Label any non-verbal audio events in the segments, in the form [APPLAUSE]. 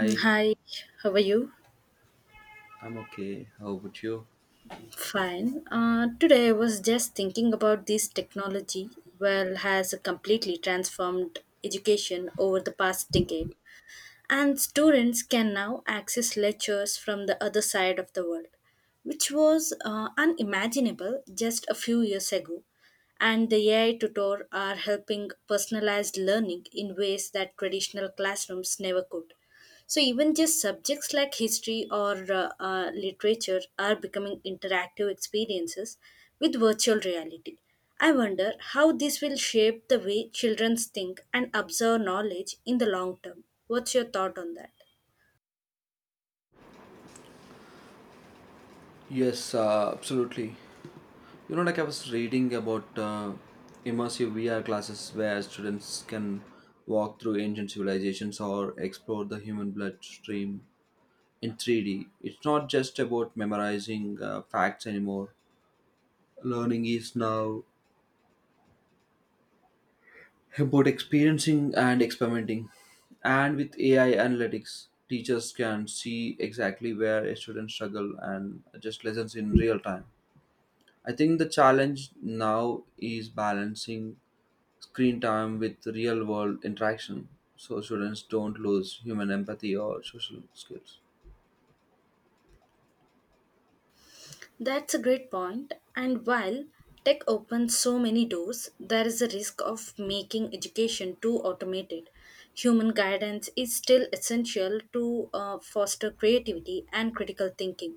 Hi, how are you? I'm okay. How about you? Fine. Today I was just thinking about this technology. Well, has completely transformed education over the past decade, and students can now access lectures from the other side of the world, which was unimaginable just a few years ago. And the AI tutor are helping personalized learning in ways that traditional classrooms never could. So, even just subjects like history or literature are becoming interactive experiences with virtual reality. I wonder how this will shape the way children think and observe knowledge in the long term. What's your thought on that? Yes, absolutely. You know, like I was reading about immersive VR classes where students can walk through ancient civilizations or explore the human bloodstream in 3D. It's not just about memorizing facts anymore. Learning is now about experiencing and experimenting. And with AI analytics, teachers can see exactly where a student struggle and adjust lessons in real time. I think the challenge now is balancing screen time with real world interaction so students don't lose human empathy or social skills. That's a great point. And while tech opens so many doors, there is a risk of making education too automated. Human guidance is still essential to foster creativity and critical thinking.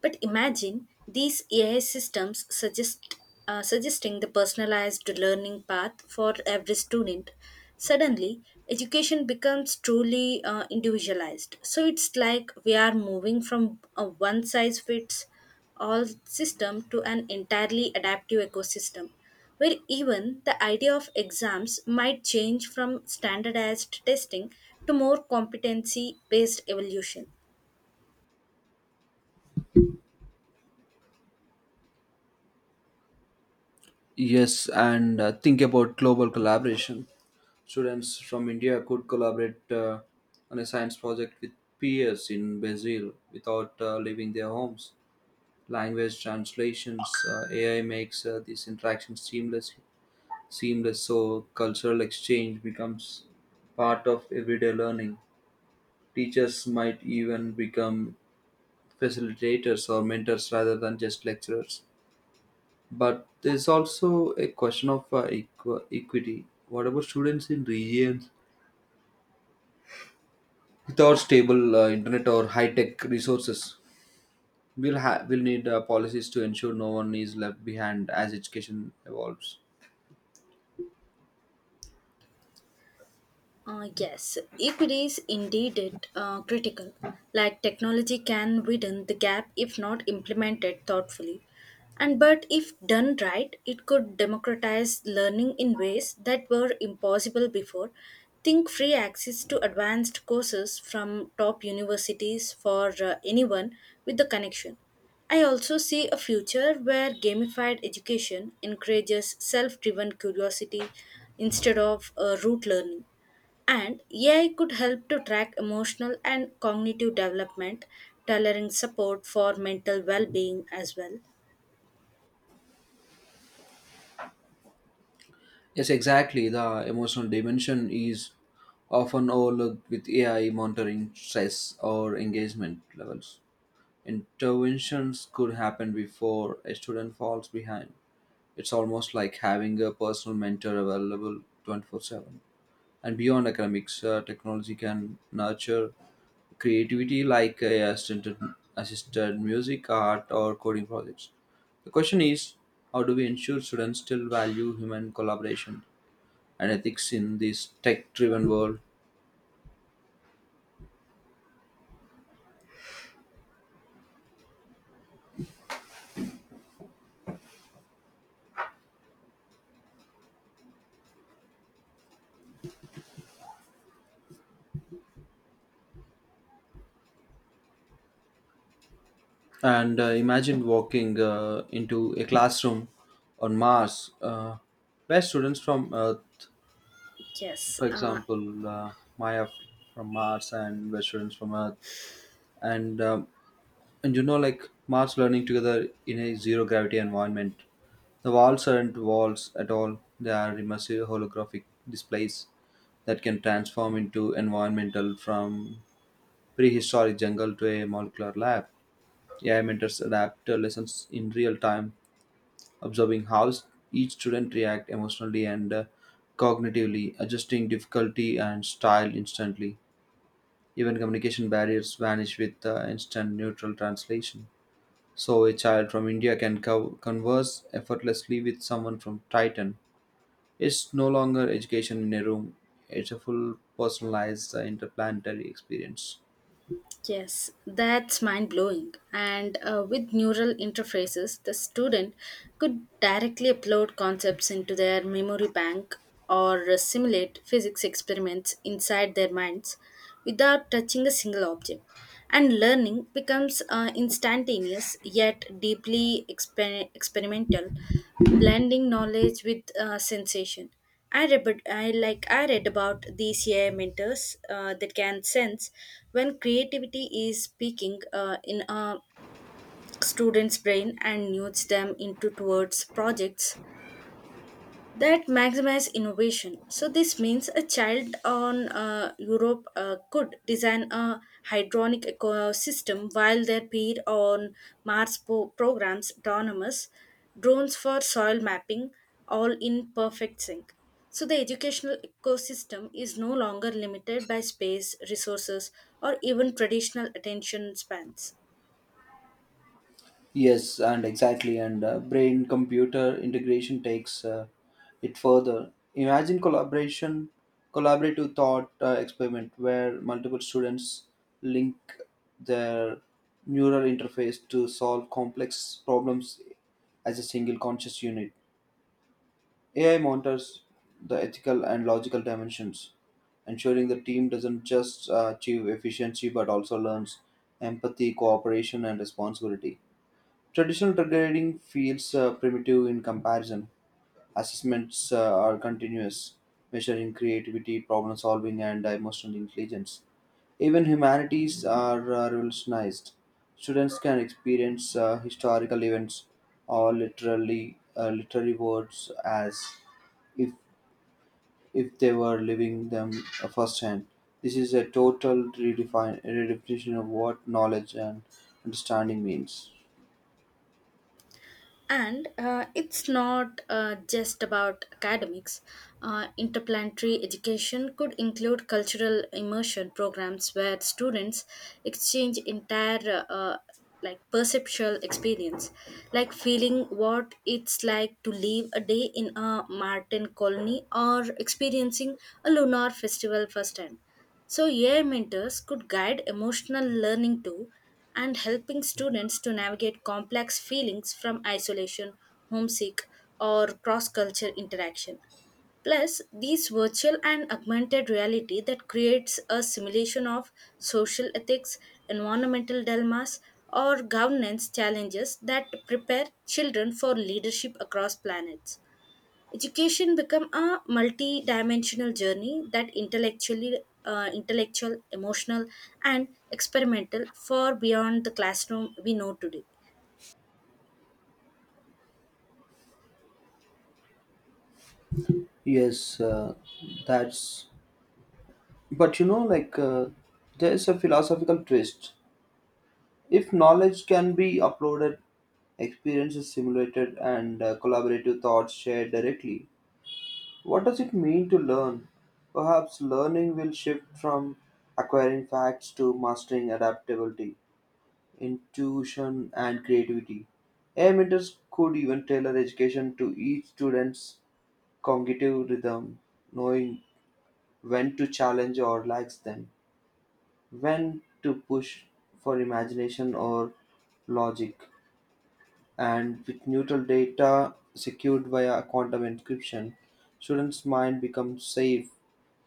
But imagine these AI systems suggesting the personalized learning path for every student. Suddenly, education becomes truly individualized. So it's like we are moving from a one size fits all system to an entirely adaptive ecosystem where even the idea of exams might change from standardized testing to more competency based evolution. Yes, and think about global collaboration. Students from India could collaborate on a science project with peers in Brazil without leaving their homes. Language translations, AI makes these interactions seamless, so cultural exchange becomes part of everyday learning. Teachers might even become facilitators or mentors rather than just lecturers. But there's also a question of equity. What about students in regions without stable internet or high-tech resources? We'll need policies to ensure no one is left behind as education evolves. Yes, equity is indeed it, critical. Like technology can widen the gap if not implemented thoughtfully. And but if done right, it could democratize learning in ways that were impossible before. Think free access to advanced courses from top universities for anyone with the connection. I also see a future where gamified education encourages self driven curiosity instead of rote learning. And AI could help to track emotional and cognitive development, tailoring support for mental well being as well. Yes, exactly. The emotional dimension is often overlooked with AI monitoring stress or engagement levels. Interventions could happen before a student falls behind. It's almost like having a personal mentor available 24/7. And beyond academics, technology can nurture creativity like AI assisted music, art, or coding projects. The question is how do we ensure students still value human collaboration and ethics in this tech driven world. And imagine walking into a classroom on Mars where students from Earth, Yes, for example, Maya from Mars and where students from Earth, and um, and you know like Mars learning together in a zero gravity environment. The walls aren't walls at all. They are immersive holographic displays that can transform into environmental from prehistoric jungle to a molecular lab. AI mentors adapt lessons in real time, observing how each student react emotionally and cognitively, adjusting difficulty and style instantly. Even communication barriers vanish with instant neutral translation. So a child from India can converse effortlessly with someone from Titan. It's no longer education in a room; it's a full personalized interplanetary experience. yes, that's mind blowing. And with neural interfaces, the student could directly upload concepts into their memory bank or simulate physics experiments inside their minds without touching a single object. And learning becomes instantaneous yet deeply experimental, blending knowledge with sensation. I read about these ai mentors that can sense when creativity is speaking in a student's brain and nudge them into towards projects that maximize innovation. So this means a child on Europe could design a hydronic ecosystem while their peer on Mars programs autonomous drones for soil mapping, all in perfect sync. So the educational ecosystem is no longer limited by space, resources, or even traditional attention spans. Yes, and exactly, and brain computer integration takes it further. Imagine collaborative thought experiment where multiple students link their neural interface to solve complex problems as a single conscious unit. AI monitors the ethical and logical dimensions, ensuring the team doesn't just achieve efficiency but also learns empathy, cooperation, and responsibility. Traditional trading feels primitive in comparison. Assessments are continuous, measuring creativity, problem solving, and emotional intelligence. Even humanities are revolutionized. Students can experience historical events or literally literary words as if if they were living them firsthand. This is a total redefinition of what knowledge and understanding means. And it's not just about academics. Interplanetary education could include cultural immersion programs where students exchange entire like perceptual experience, like feeling what it's like to live a day in a Martian colony or experiencing a lunar festival firsthand. So, AI mentors could guide emotional learning too and helping students to navigate complex feelings from isolation, homesick, or cross culture interaction. Plus, these virtual and augmented reality that creates a simulation of social ethics, environmental dilemmas, or governance challenges that prepare children for leadership across planets. Education become a multi-dimensional journey that intellectual, emotional, and experimental far beyond the classroom we know today. Yes, that's. But you know, like, there's a philosophical twist. If knowledge can be uploaded, experiences simulated, and collaborative thoughts shared directly, what does it mean to learn? Perhaps learning will shift from acquiring facts to mastering adaptability, intuition, and creativity. AI mentors could even tailor education to each student's cognitive rhythm, knowing when to challenge or relax them, when to push for imagination or logic, and with neutral data secured via quantum encryption, students' mind becomes safe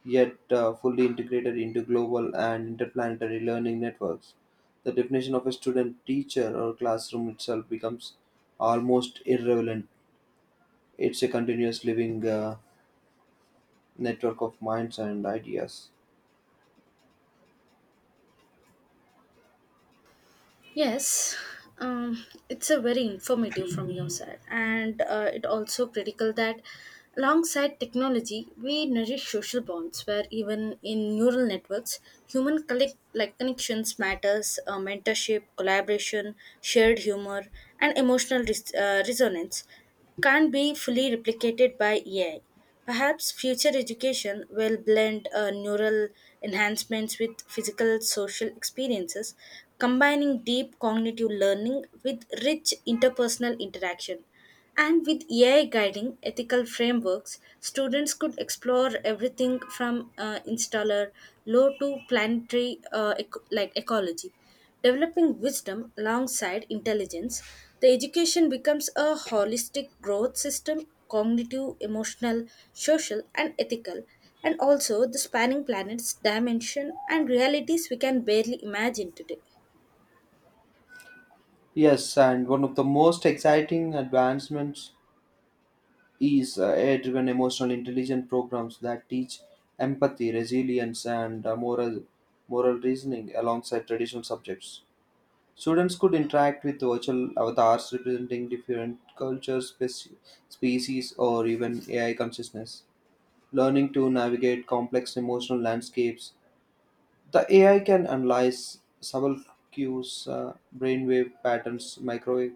yet fully integrated into global and interplanetary learning networks. The definition of a student, teacher, or classroom itself becomes almost irrelevant. It's a continuous living network of minds and ideas. Yes, it's a very informative from your side, and it also critical that alongside technology, we nourish social bonds where even in neural networks, human collect like connections matters, mentorship, collaboration, shared humor, and emotional resonance can't be fully replicated by AI. Perhaps future education will blend neural enhancements with physical social experiences, combining deep cognitive learning with rich interpersonal interaction. And with AI guiding ethical frameworks, students could explore everything from installer law to planetary like ecology. Developing wisdom alongside intelligence, the education becomes a holistic growth system cognitive, emotional, social, and ethical, and also the spanning planets, dimension, and realities we can barely imagine today. Yes, and one of the most exciting advancements is AI-driven emotional intelligence programs that teach empathy, resilience, and moral reasoning alongside traditional subjects. Students could interact with virtual avatars representing different cultures, species, or even AI consciousness, learning to navigate complex emotional landscapes. The AI can analyze subtle cues, brainwave patterns, microwave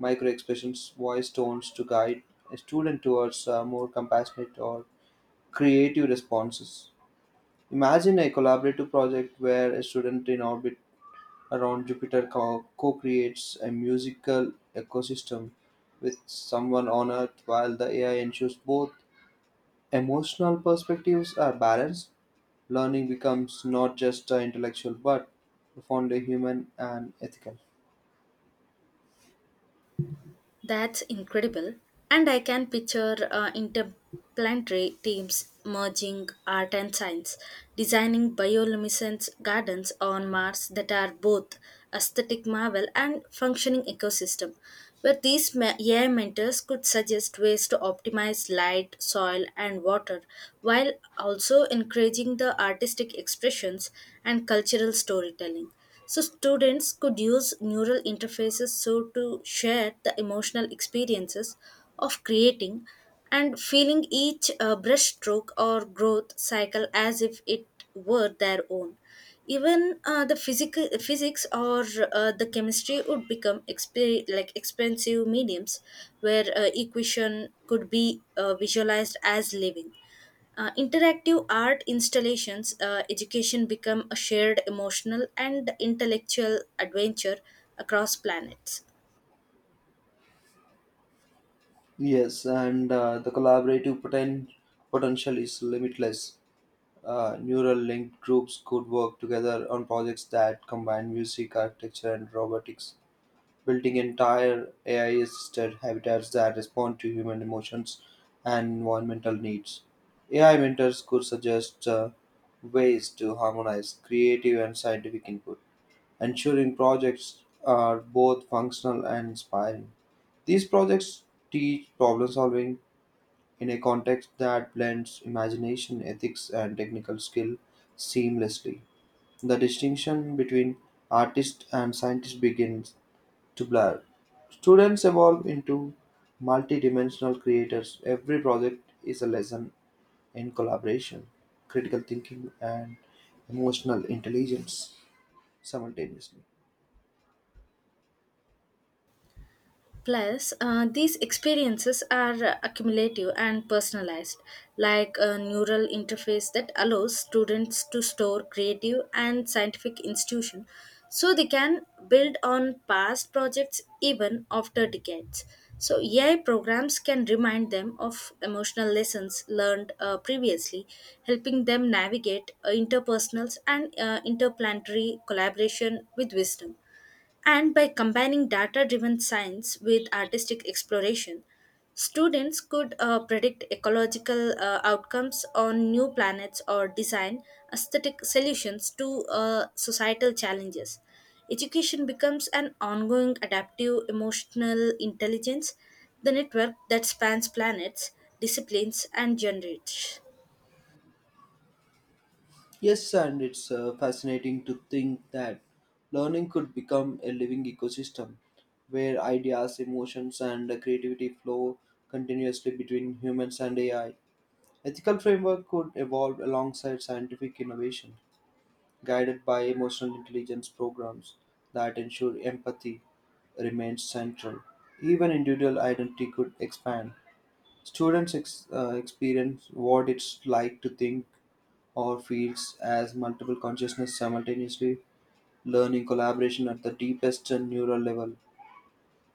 microexpressions, voice tones to guide a student towards more compassionate or creative responses. Imagine a collaborative project where a student in orbit around Jupiter co creates a musical ecosystem with someone on Earth while the AI ensures both emotional perspectives are balanced. Learning becomes not just intellectual but profoundly human and ethical. That's incredible. And I can picture interdisciplinary teams merging art and science, designing bioluminescence gardens on Mars that are both aesthetic marvel and functioning ecosystem, where these AI mentors could suggest ways to optimize light, soil, and water, while also encouraging the artistic expressions and cultural storytelling. So students could use neural interfaces so to share the emotional experiences of creating and feeling each brushstroke or growth cycle as if it were their own. Even the physical physics or the chemistry would become like expensive mediums where equation could be visualized as living interactive art installations. Education become a shared emotional and intellectual adventure across planets. Yes, and potential is limitless. Neural linked groups could work together on projects that combine music, architecture, and robotics, building entire AI assisted habitats that respond to human emotions and environmental needs. AI mentors could suggest ways to harmonize creative and scientific input, ensuring projects are both functional and inspiring. These projects teach problem solving, in a context that blends imagination, ethics, and technical skill seamlessly. The distinction between artist and scientist begins to blur. Students evolve into multidimensional creators. Every project is a lesson in collaboration, critical thinking, and emotional intelligence simultaneously. Plus, these experiences are accumulative and personalized, like a neural interface that allows students to store creative and scientific institution so they can build on past projects even after decades. So, AI programs can remind them of emotional lessons learned previously, helping them navigate interpersonals and interplanetary collaboration with wisdom. And by combining data driven science with artistic exploration, students could predict ecological outcomes on new planets or design aesthetic solutions to societal challenges. Education becomes an ongoing adaptive emotional intelligence, the network that spans planets, disciplines, and generations. Yes, and it's fascinating to think that learning could become a living ecosystem where ideas, emotions, and creativity flow continuously between humans and AI. Ethical framework could evolve alongside scientific innovation, guided by emotional intelligence programs that ensure empathy remains central. Even individual identity could expand. Students experience what it's like to think or feels as multiple consciousness simultaneously, learning collaboration at the deepest and neural level.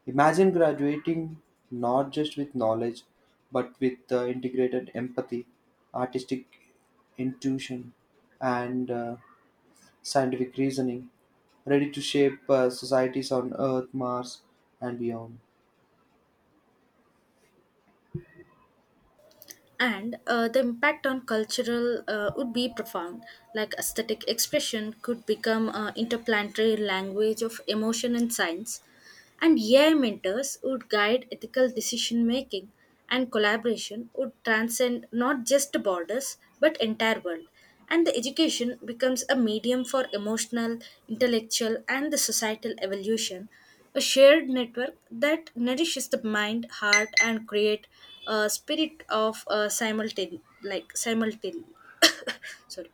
Imagine graduating not just with knowledge, but with integrated empathy, artistic intuition, and scientific reasoning, ready to shape societies on Earth, Mars, and beyond. And the impact on cultural would be profound, like aesthetic expression could become interplanetary language of emotion and science, and ai mentors would guide ethical decision making, and collaboration would transcend not just borders but entire world, and the education becomes a medium for emotional, intellectual, and the societal evolution, a shared network that nourishes the mind, heart, and create a spirit of [COUGHS] sorry,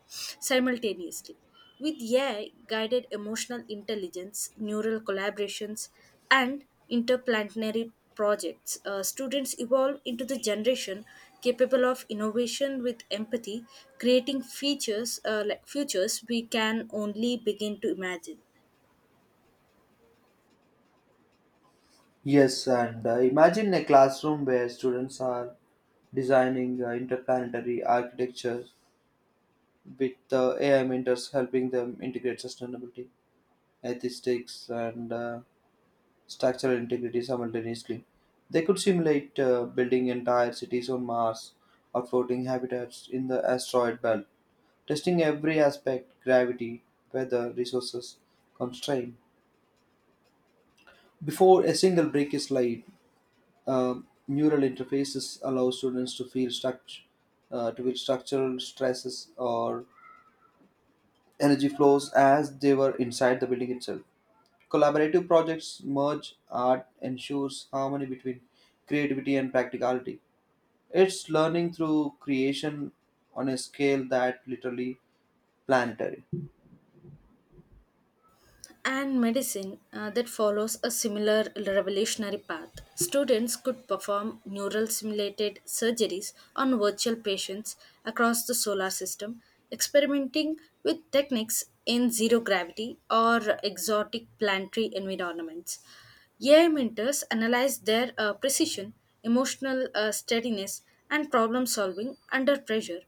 simultaneously. With AI guided emotional intelligence, neural collaborations, and interplanetary projects, students evolve into the generation capable of innovation with empathy, creating features like futures we can only begin to imagine. Yes, and imagine a classroom where students are designing interplanetary architecture with AI mentors helping them integrate sustainability, ethics, and structural integrity simultaneously. They could simulate building entire cities on Mars or floating habitats in the asteroid belt, testing every aspect gravity, weather, resources, constraint. Before a single brick is laid, neural interfaces allow students to to feel structural stresses or energy flows as they were inside the building itself. Collaborative projects merge art, ensures harmony between creativity and practicality. It's learning through creation on a scale that literally planetary. Health and medicine that follows a similar revolutionary path. Students could perform neural simulated surgeries on virtual patients across the solar system, experimenting with techniques in zero gravity or exotic planetary environments. AI mentors analyze their precision, emotional steadiness, and problem solving under pressure,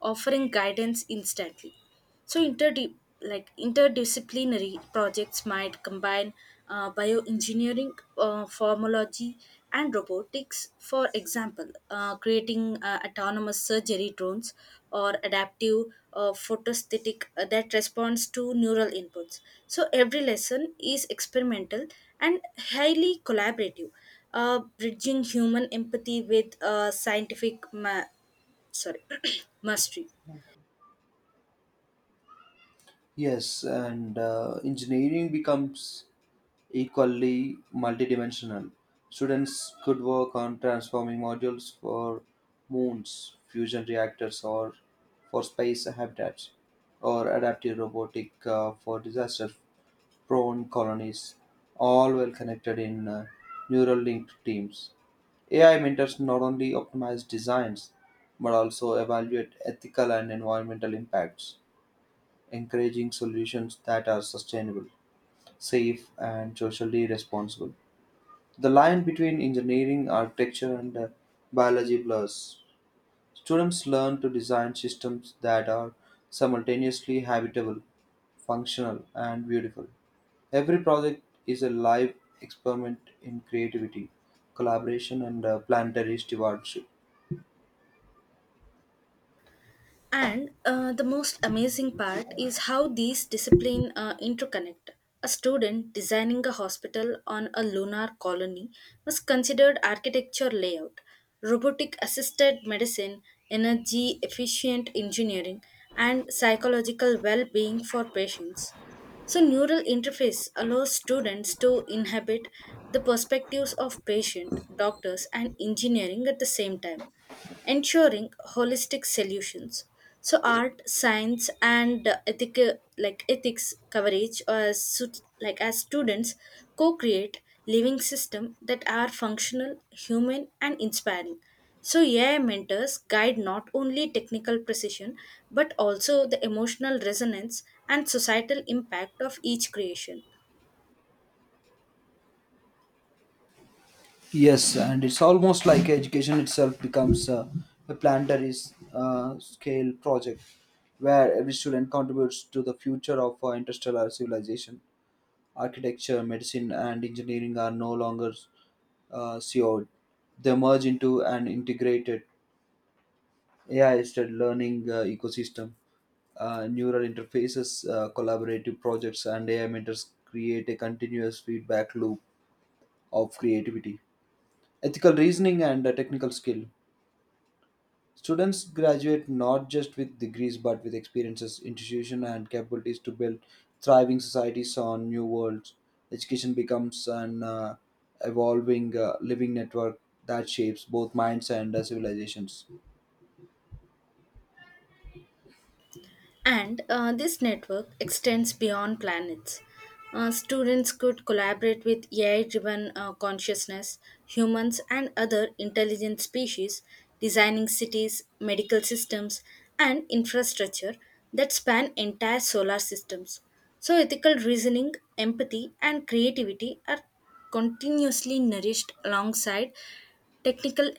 offering guidance instantly. So interdip like interdisciplinary projects might combine bioengineering, formology, and robotics. For example, creating autonomous surgery drones or adaptive photosthetic that responds to neural inputs. So every lesson is experimental and highly collaborative, bridging human empathy with scientific ma- sorry [CLEARS THROAT] mastery. Yes, and engineering becomes equally multidimensional. Students could work on transforming modules for moons, fusion reactors, or for space habitats, or adaptive robotic for disaster-prone colonies, all well connected in neural linked teams. AI mentors not only optimize designs but also evaluate ethical and environmental impacts, encouraging solutions that are sustainable, safe, and socially responsible. The line between engineering, architecture, and biology blurs. Students learn to design systems that are simultaneously habitable, functional, and beautiful. Every project is a live experiment in creativity, collaboration, and planetary stewardship. And the most amazing part is how these disciplines interconnect. A student designing a hospital on a lunar colony must consider architecture layout, robotic assisted medicine, energy efficient engineering, and psychological well being for patients. So, neural interface allows students to inhabit the perspectives of patient, doctors, and engineering at the same time, ensuring holistic solutions. So, art, science, and ethical like ethics coverage as as students co-create living system that are functional, human, and inspiring. So, AI mentors guide not only technical precision but also the emotional resonance and societal impact of each creation. Yes, and it's almost like education itself becomes a planetary scale project where every student contributes to the future of interstellar civilization. Architecture, medicine, and engineering are no longer siloed. They merge into an integrated AI-assisted learning ecosystem. Neural interfaces, collaborative projects, and AI mentors create a continuous feedback loop of creativity, ethical reasoning, and technical skill. Students graduate not just with degrees but with experiences, institution, and capabilities to build thriving societies on new worlds. Education becomes an evolving living network that shapes both minds and civilizations. And this network extends beyond planets. Students could collaborate with AI driven consciousness, humans, and other intelligent species, designing cities, medical systems, and infrastructure that span entire solar systems. So, ethical reasoning, empathy, and creativity are continuously nourished alongside technical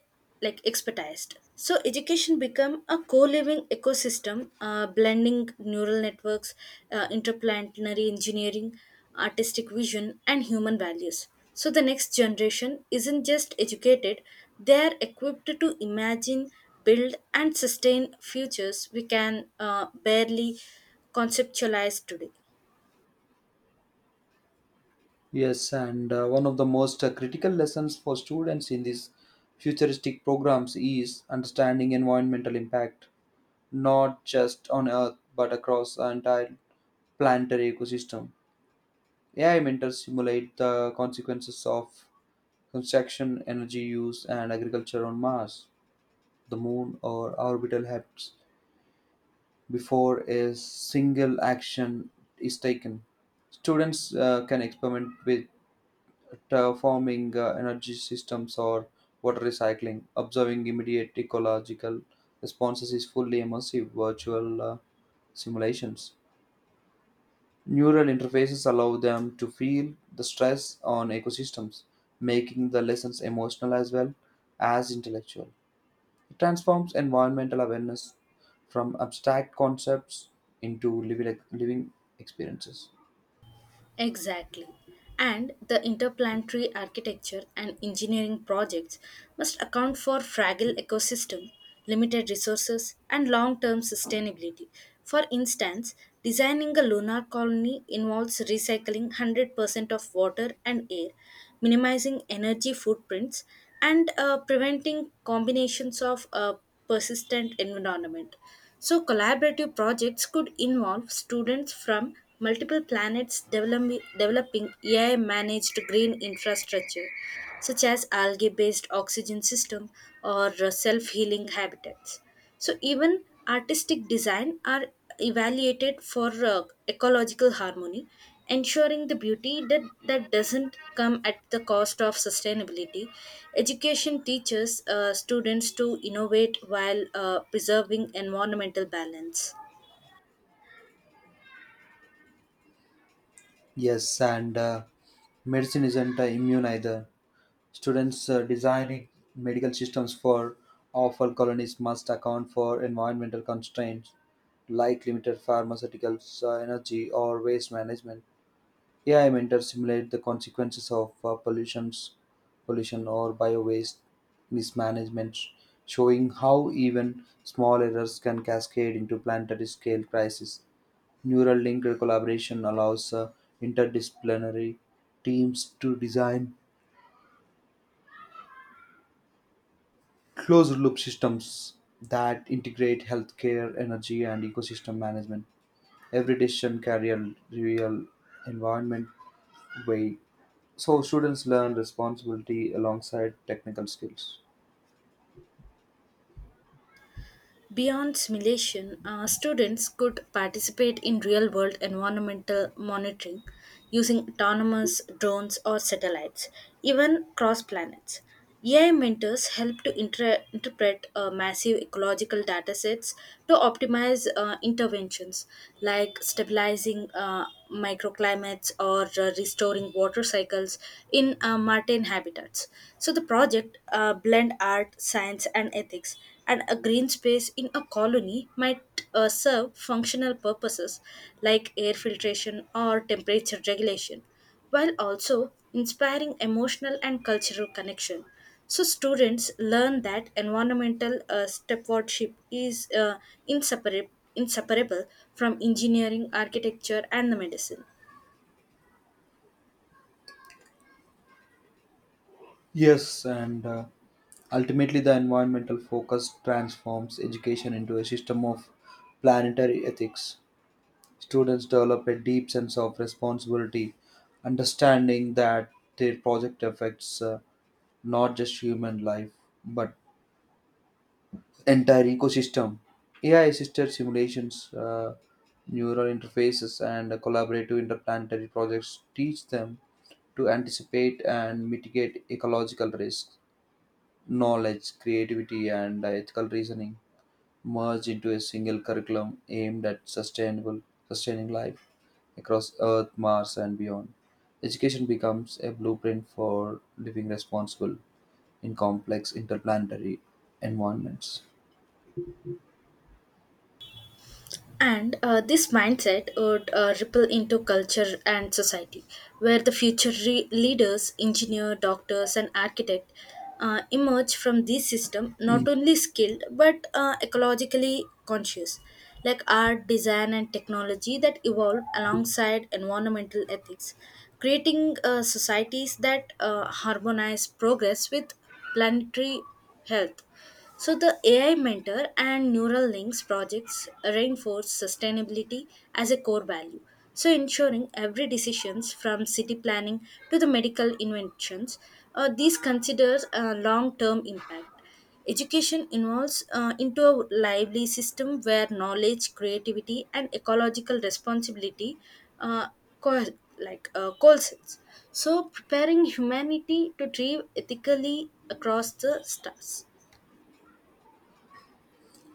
like expertised. So education become a co-living ecosystem, blending neural networks, interplanetary engineering, artistic vision, and human values. So the next generation isn't just educated; they are equipped to imagine, build, and sustain futures we can barely conceptualize today. Yes, and one of the most critical lessons for students in these futuristic programs is understanding environmental impact, not just on Earth but across the entire planetary ecosystem. AI mentors simulate the consequences of construction, energy use, and agriculture on Mars, the Moon, or orbital HEPs before a single action is taken. Students can experiment with terraforming energy systems or water recycling. Observing immediate ecological responses is fully immersive virtual simulations. Neural interfaces allow them to feel the stress on ecosystems, making the lessons emotional as well as intellectual. It transforms environmental awareness from abstract concepts into living experiences. Exactly. And the interplanetary architecture and engineering projects must account for fragile ecosystem, limited resources, and long-term sustainability. For instance, designing a lunar colony involves recycling 100% of water and air, minimizing energy footprints, and preventing combinations of persistent environment. So, collaborative projects could involve students from multiple planets developing AI managed green infrastructure, such as algae based oxygen system or self healing habitats. So, even artistic design are evaluated for ecological harmony, ensuring the beauty that doesn't come at the cost of sustainability. Education teaches students to innovate while preserving environmental balance. Yes, and medicine isn't immune either. Students designing medical systems for awful colonies must account for environmental constraints like limited pharmaceuticals, energy, or waste management. AI mentors simulate the consequences of pollution or bio-waste mismanagement, showing how even small errors can cascade into planetary scale crisis. Neural link collaboration allows interdisciplinary teams to design closed loop systems that integrate healthcare, energy, and ecosystem management. Every decision carries a real environment weight, so students learn responsibility alongside technical skills. Beyond simulation, students could participate in real world environmental monitoring using autonomous drones or satellites, even cross planets. AI mentors help to interpret massive ecological datasets to optimize interventions like stabilizing microclimates or restoring water cycles in marine habitats. So the project blend art, science, and ethics, and a green space in a colony might serve functional purposes like air filtration or temperature regulation, while also inspiring emotional and cultural connection. So, students learn that environmental stewardship is inseparable, inseparable from engineering, architecture, and the medicine. Yes, and ultimately the environmental focus transforms education into a system of planetary ethics. Students develop a deep sense of responsibility, understanding that their project affects not just human life but entire ecosystem. AI assisted simulations, neural interfaces, and collaborative interplanetary projects teach them to anticipate and mitigate ecological risks. Knowledge, creativity, and ethical reasoning merge into a single curriculum aimed at sustaining life across Earth, Mars, and beyond. Education becomes a blueprint for living responsible in complex interplanetary environments. And this mindset would ripple into culture and society, where the future leaders, engineer, doctors, and architect emerge from this system not only skilled but ecologically conscious, like art, design, and technology that evolve alongside environmental ethics, creating societies that harmonize progress with planetary health. So, the AI Mentor and Neural Links projects reinforce sustainability as a core value. So, ensuring every decisions from city planning to the medical inventions, these considers a long-term impact. Education involves into a lively system where knowledge, creativity, and ecological responsibility uh, co- coalesces. So, preparing humanity to thrive ethically across the stars.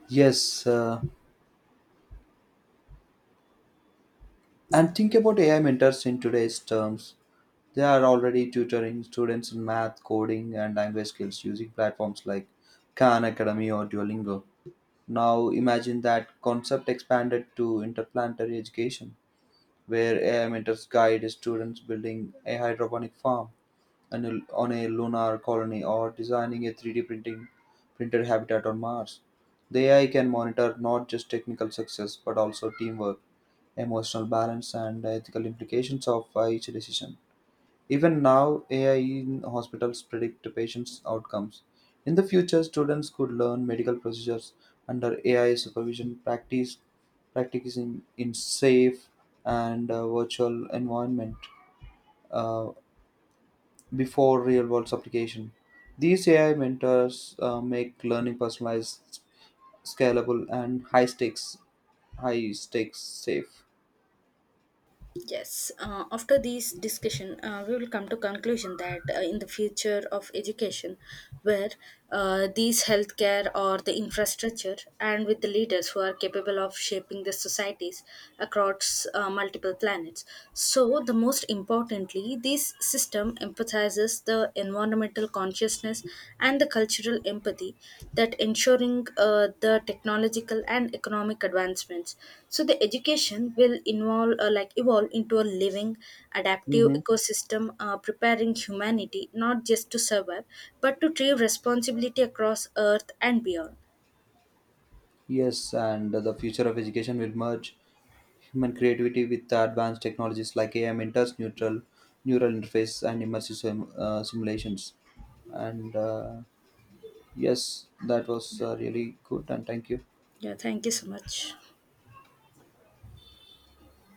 Yes, and think about AI mentors in today's terms. They are already tutoring students in math, coding, and language skills using platforms like Khan Academy or Duolingo. Now imagine that concept expanded to interplanetary education, where AI mentors guide students building a hydroponic farm on on a lunar colony or designing a 3D printing printed habitat on Mars. The AI can monitor not just technical success but also teamwork, emotional balance, and ethical implications of each decision. Even now, AI in hospitals predict patients' outcomes. In the future, students could learn medical procedures under AI supervision, practice practicing in safe and virtual environment. Uh, Before real world application. These AI mentors make learning personalized, scalable, and high stakes safe. Yes, after this discussion, we will come to conclusion that in the future of education, where these healthcare or the infrastructure, and with the leaders who are capable of shaping the societies across multiple planets. So, the most importantly, this system emphasizes the environmental consciousness, and the cultural empathy that ensuring the technological and economic advancements. So the education will involve like evolve into a living, adaptive Mm-hmm. ecosystem, preparing humanity not just to survive but to take responsibility across Earth and beyond. Yes, and the future of education will merge human creativity with the advanced technologies like AI mentors, neutral neural interface, and immersive simulations. And yes, that was really good, and thank you. Yeah, thank you so much.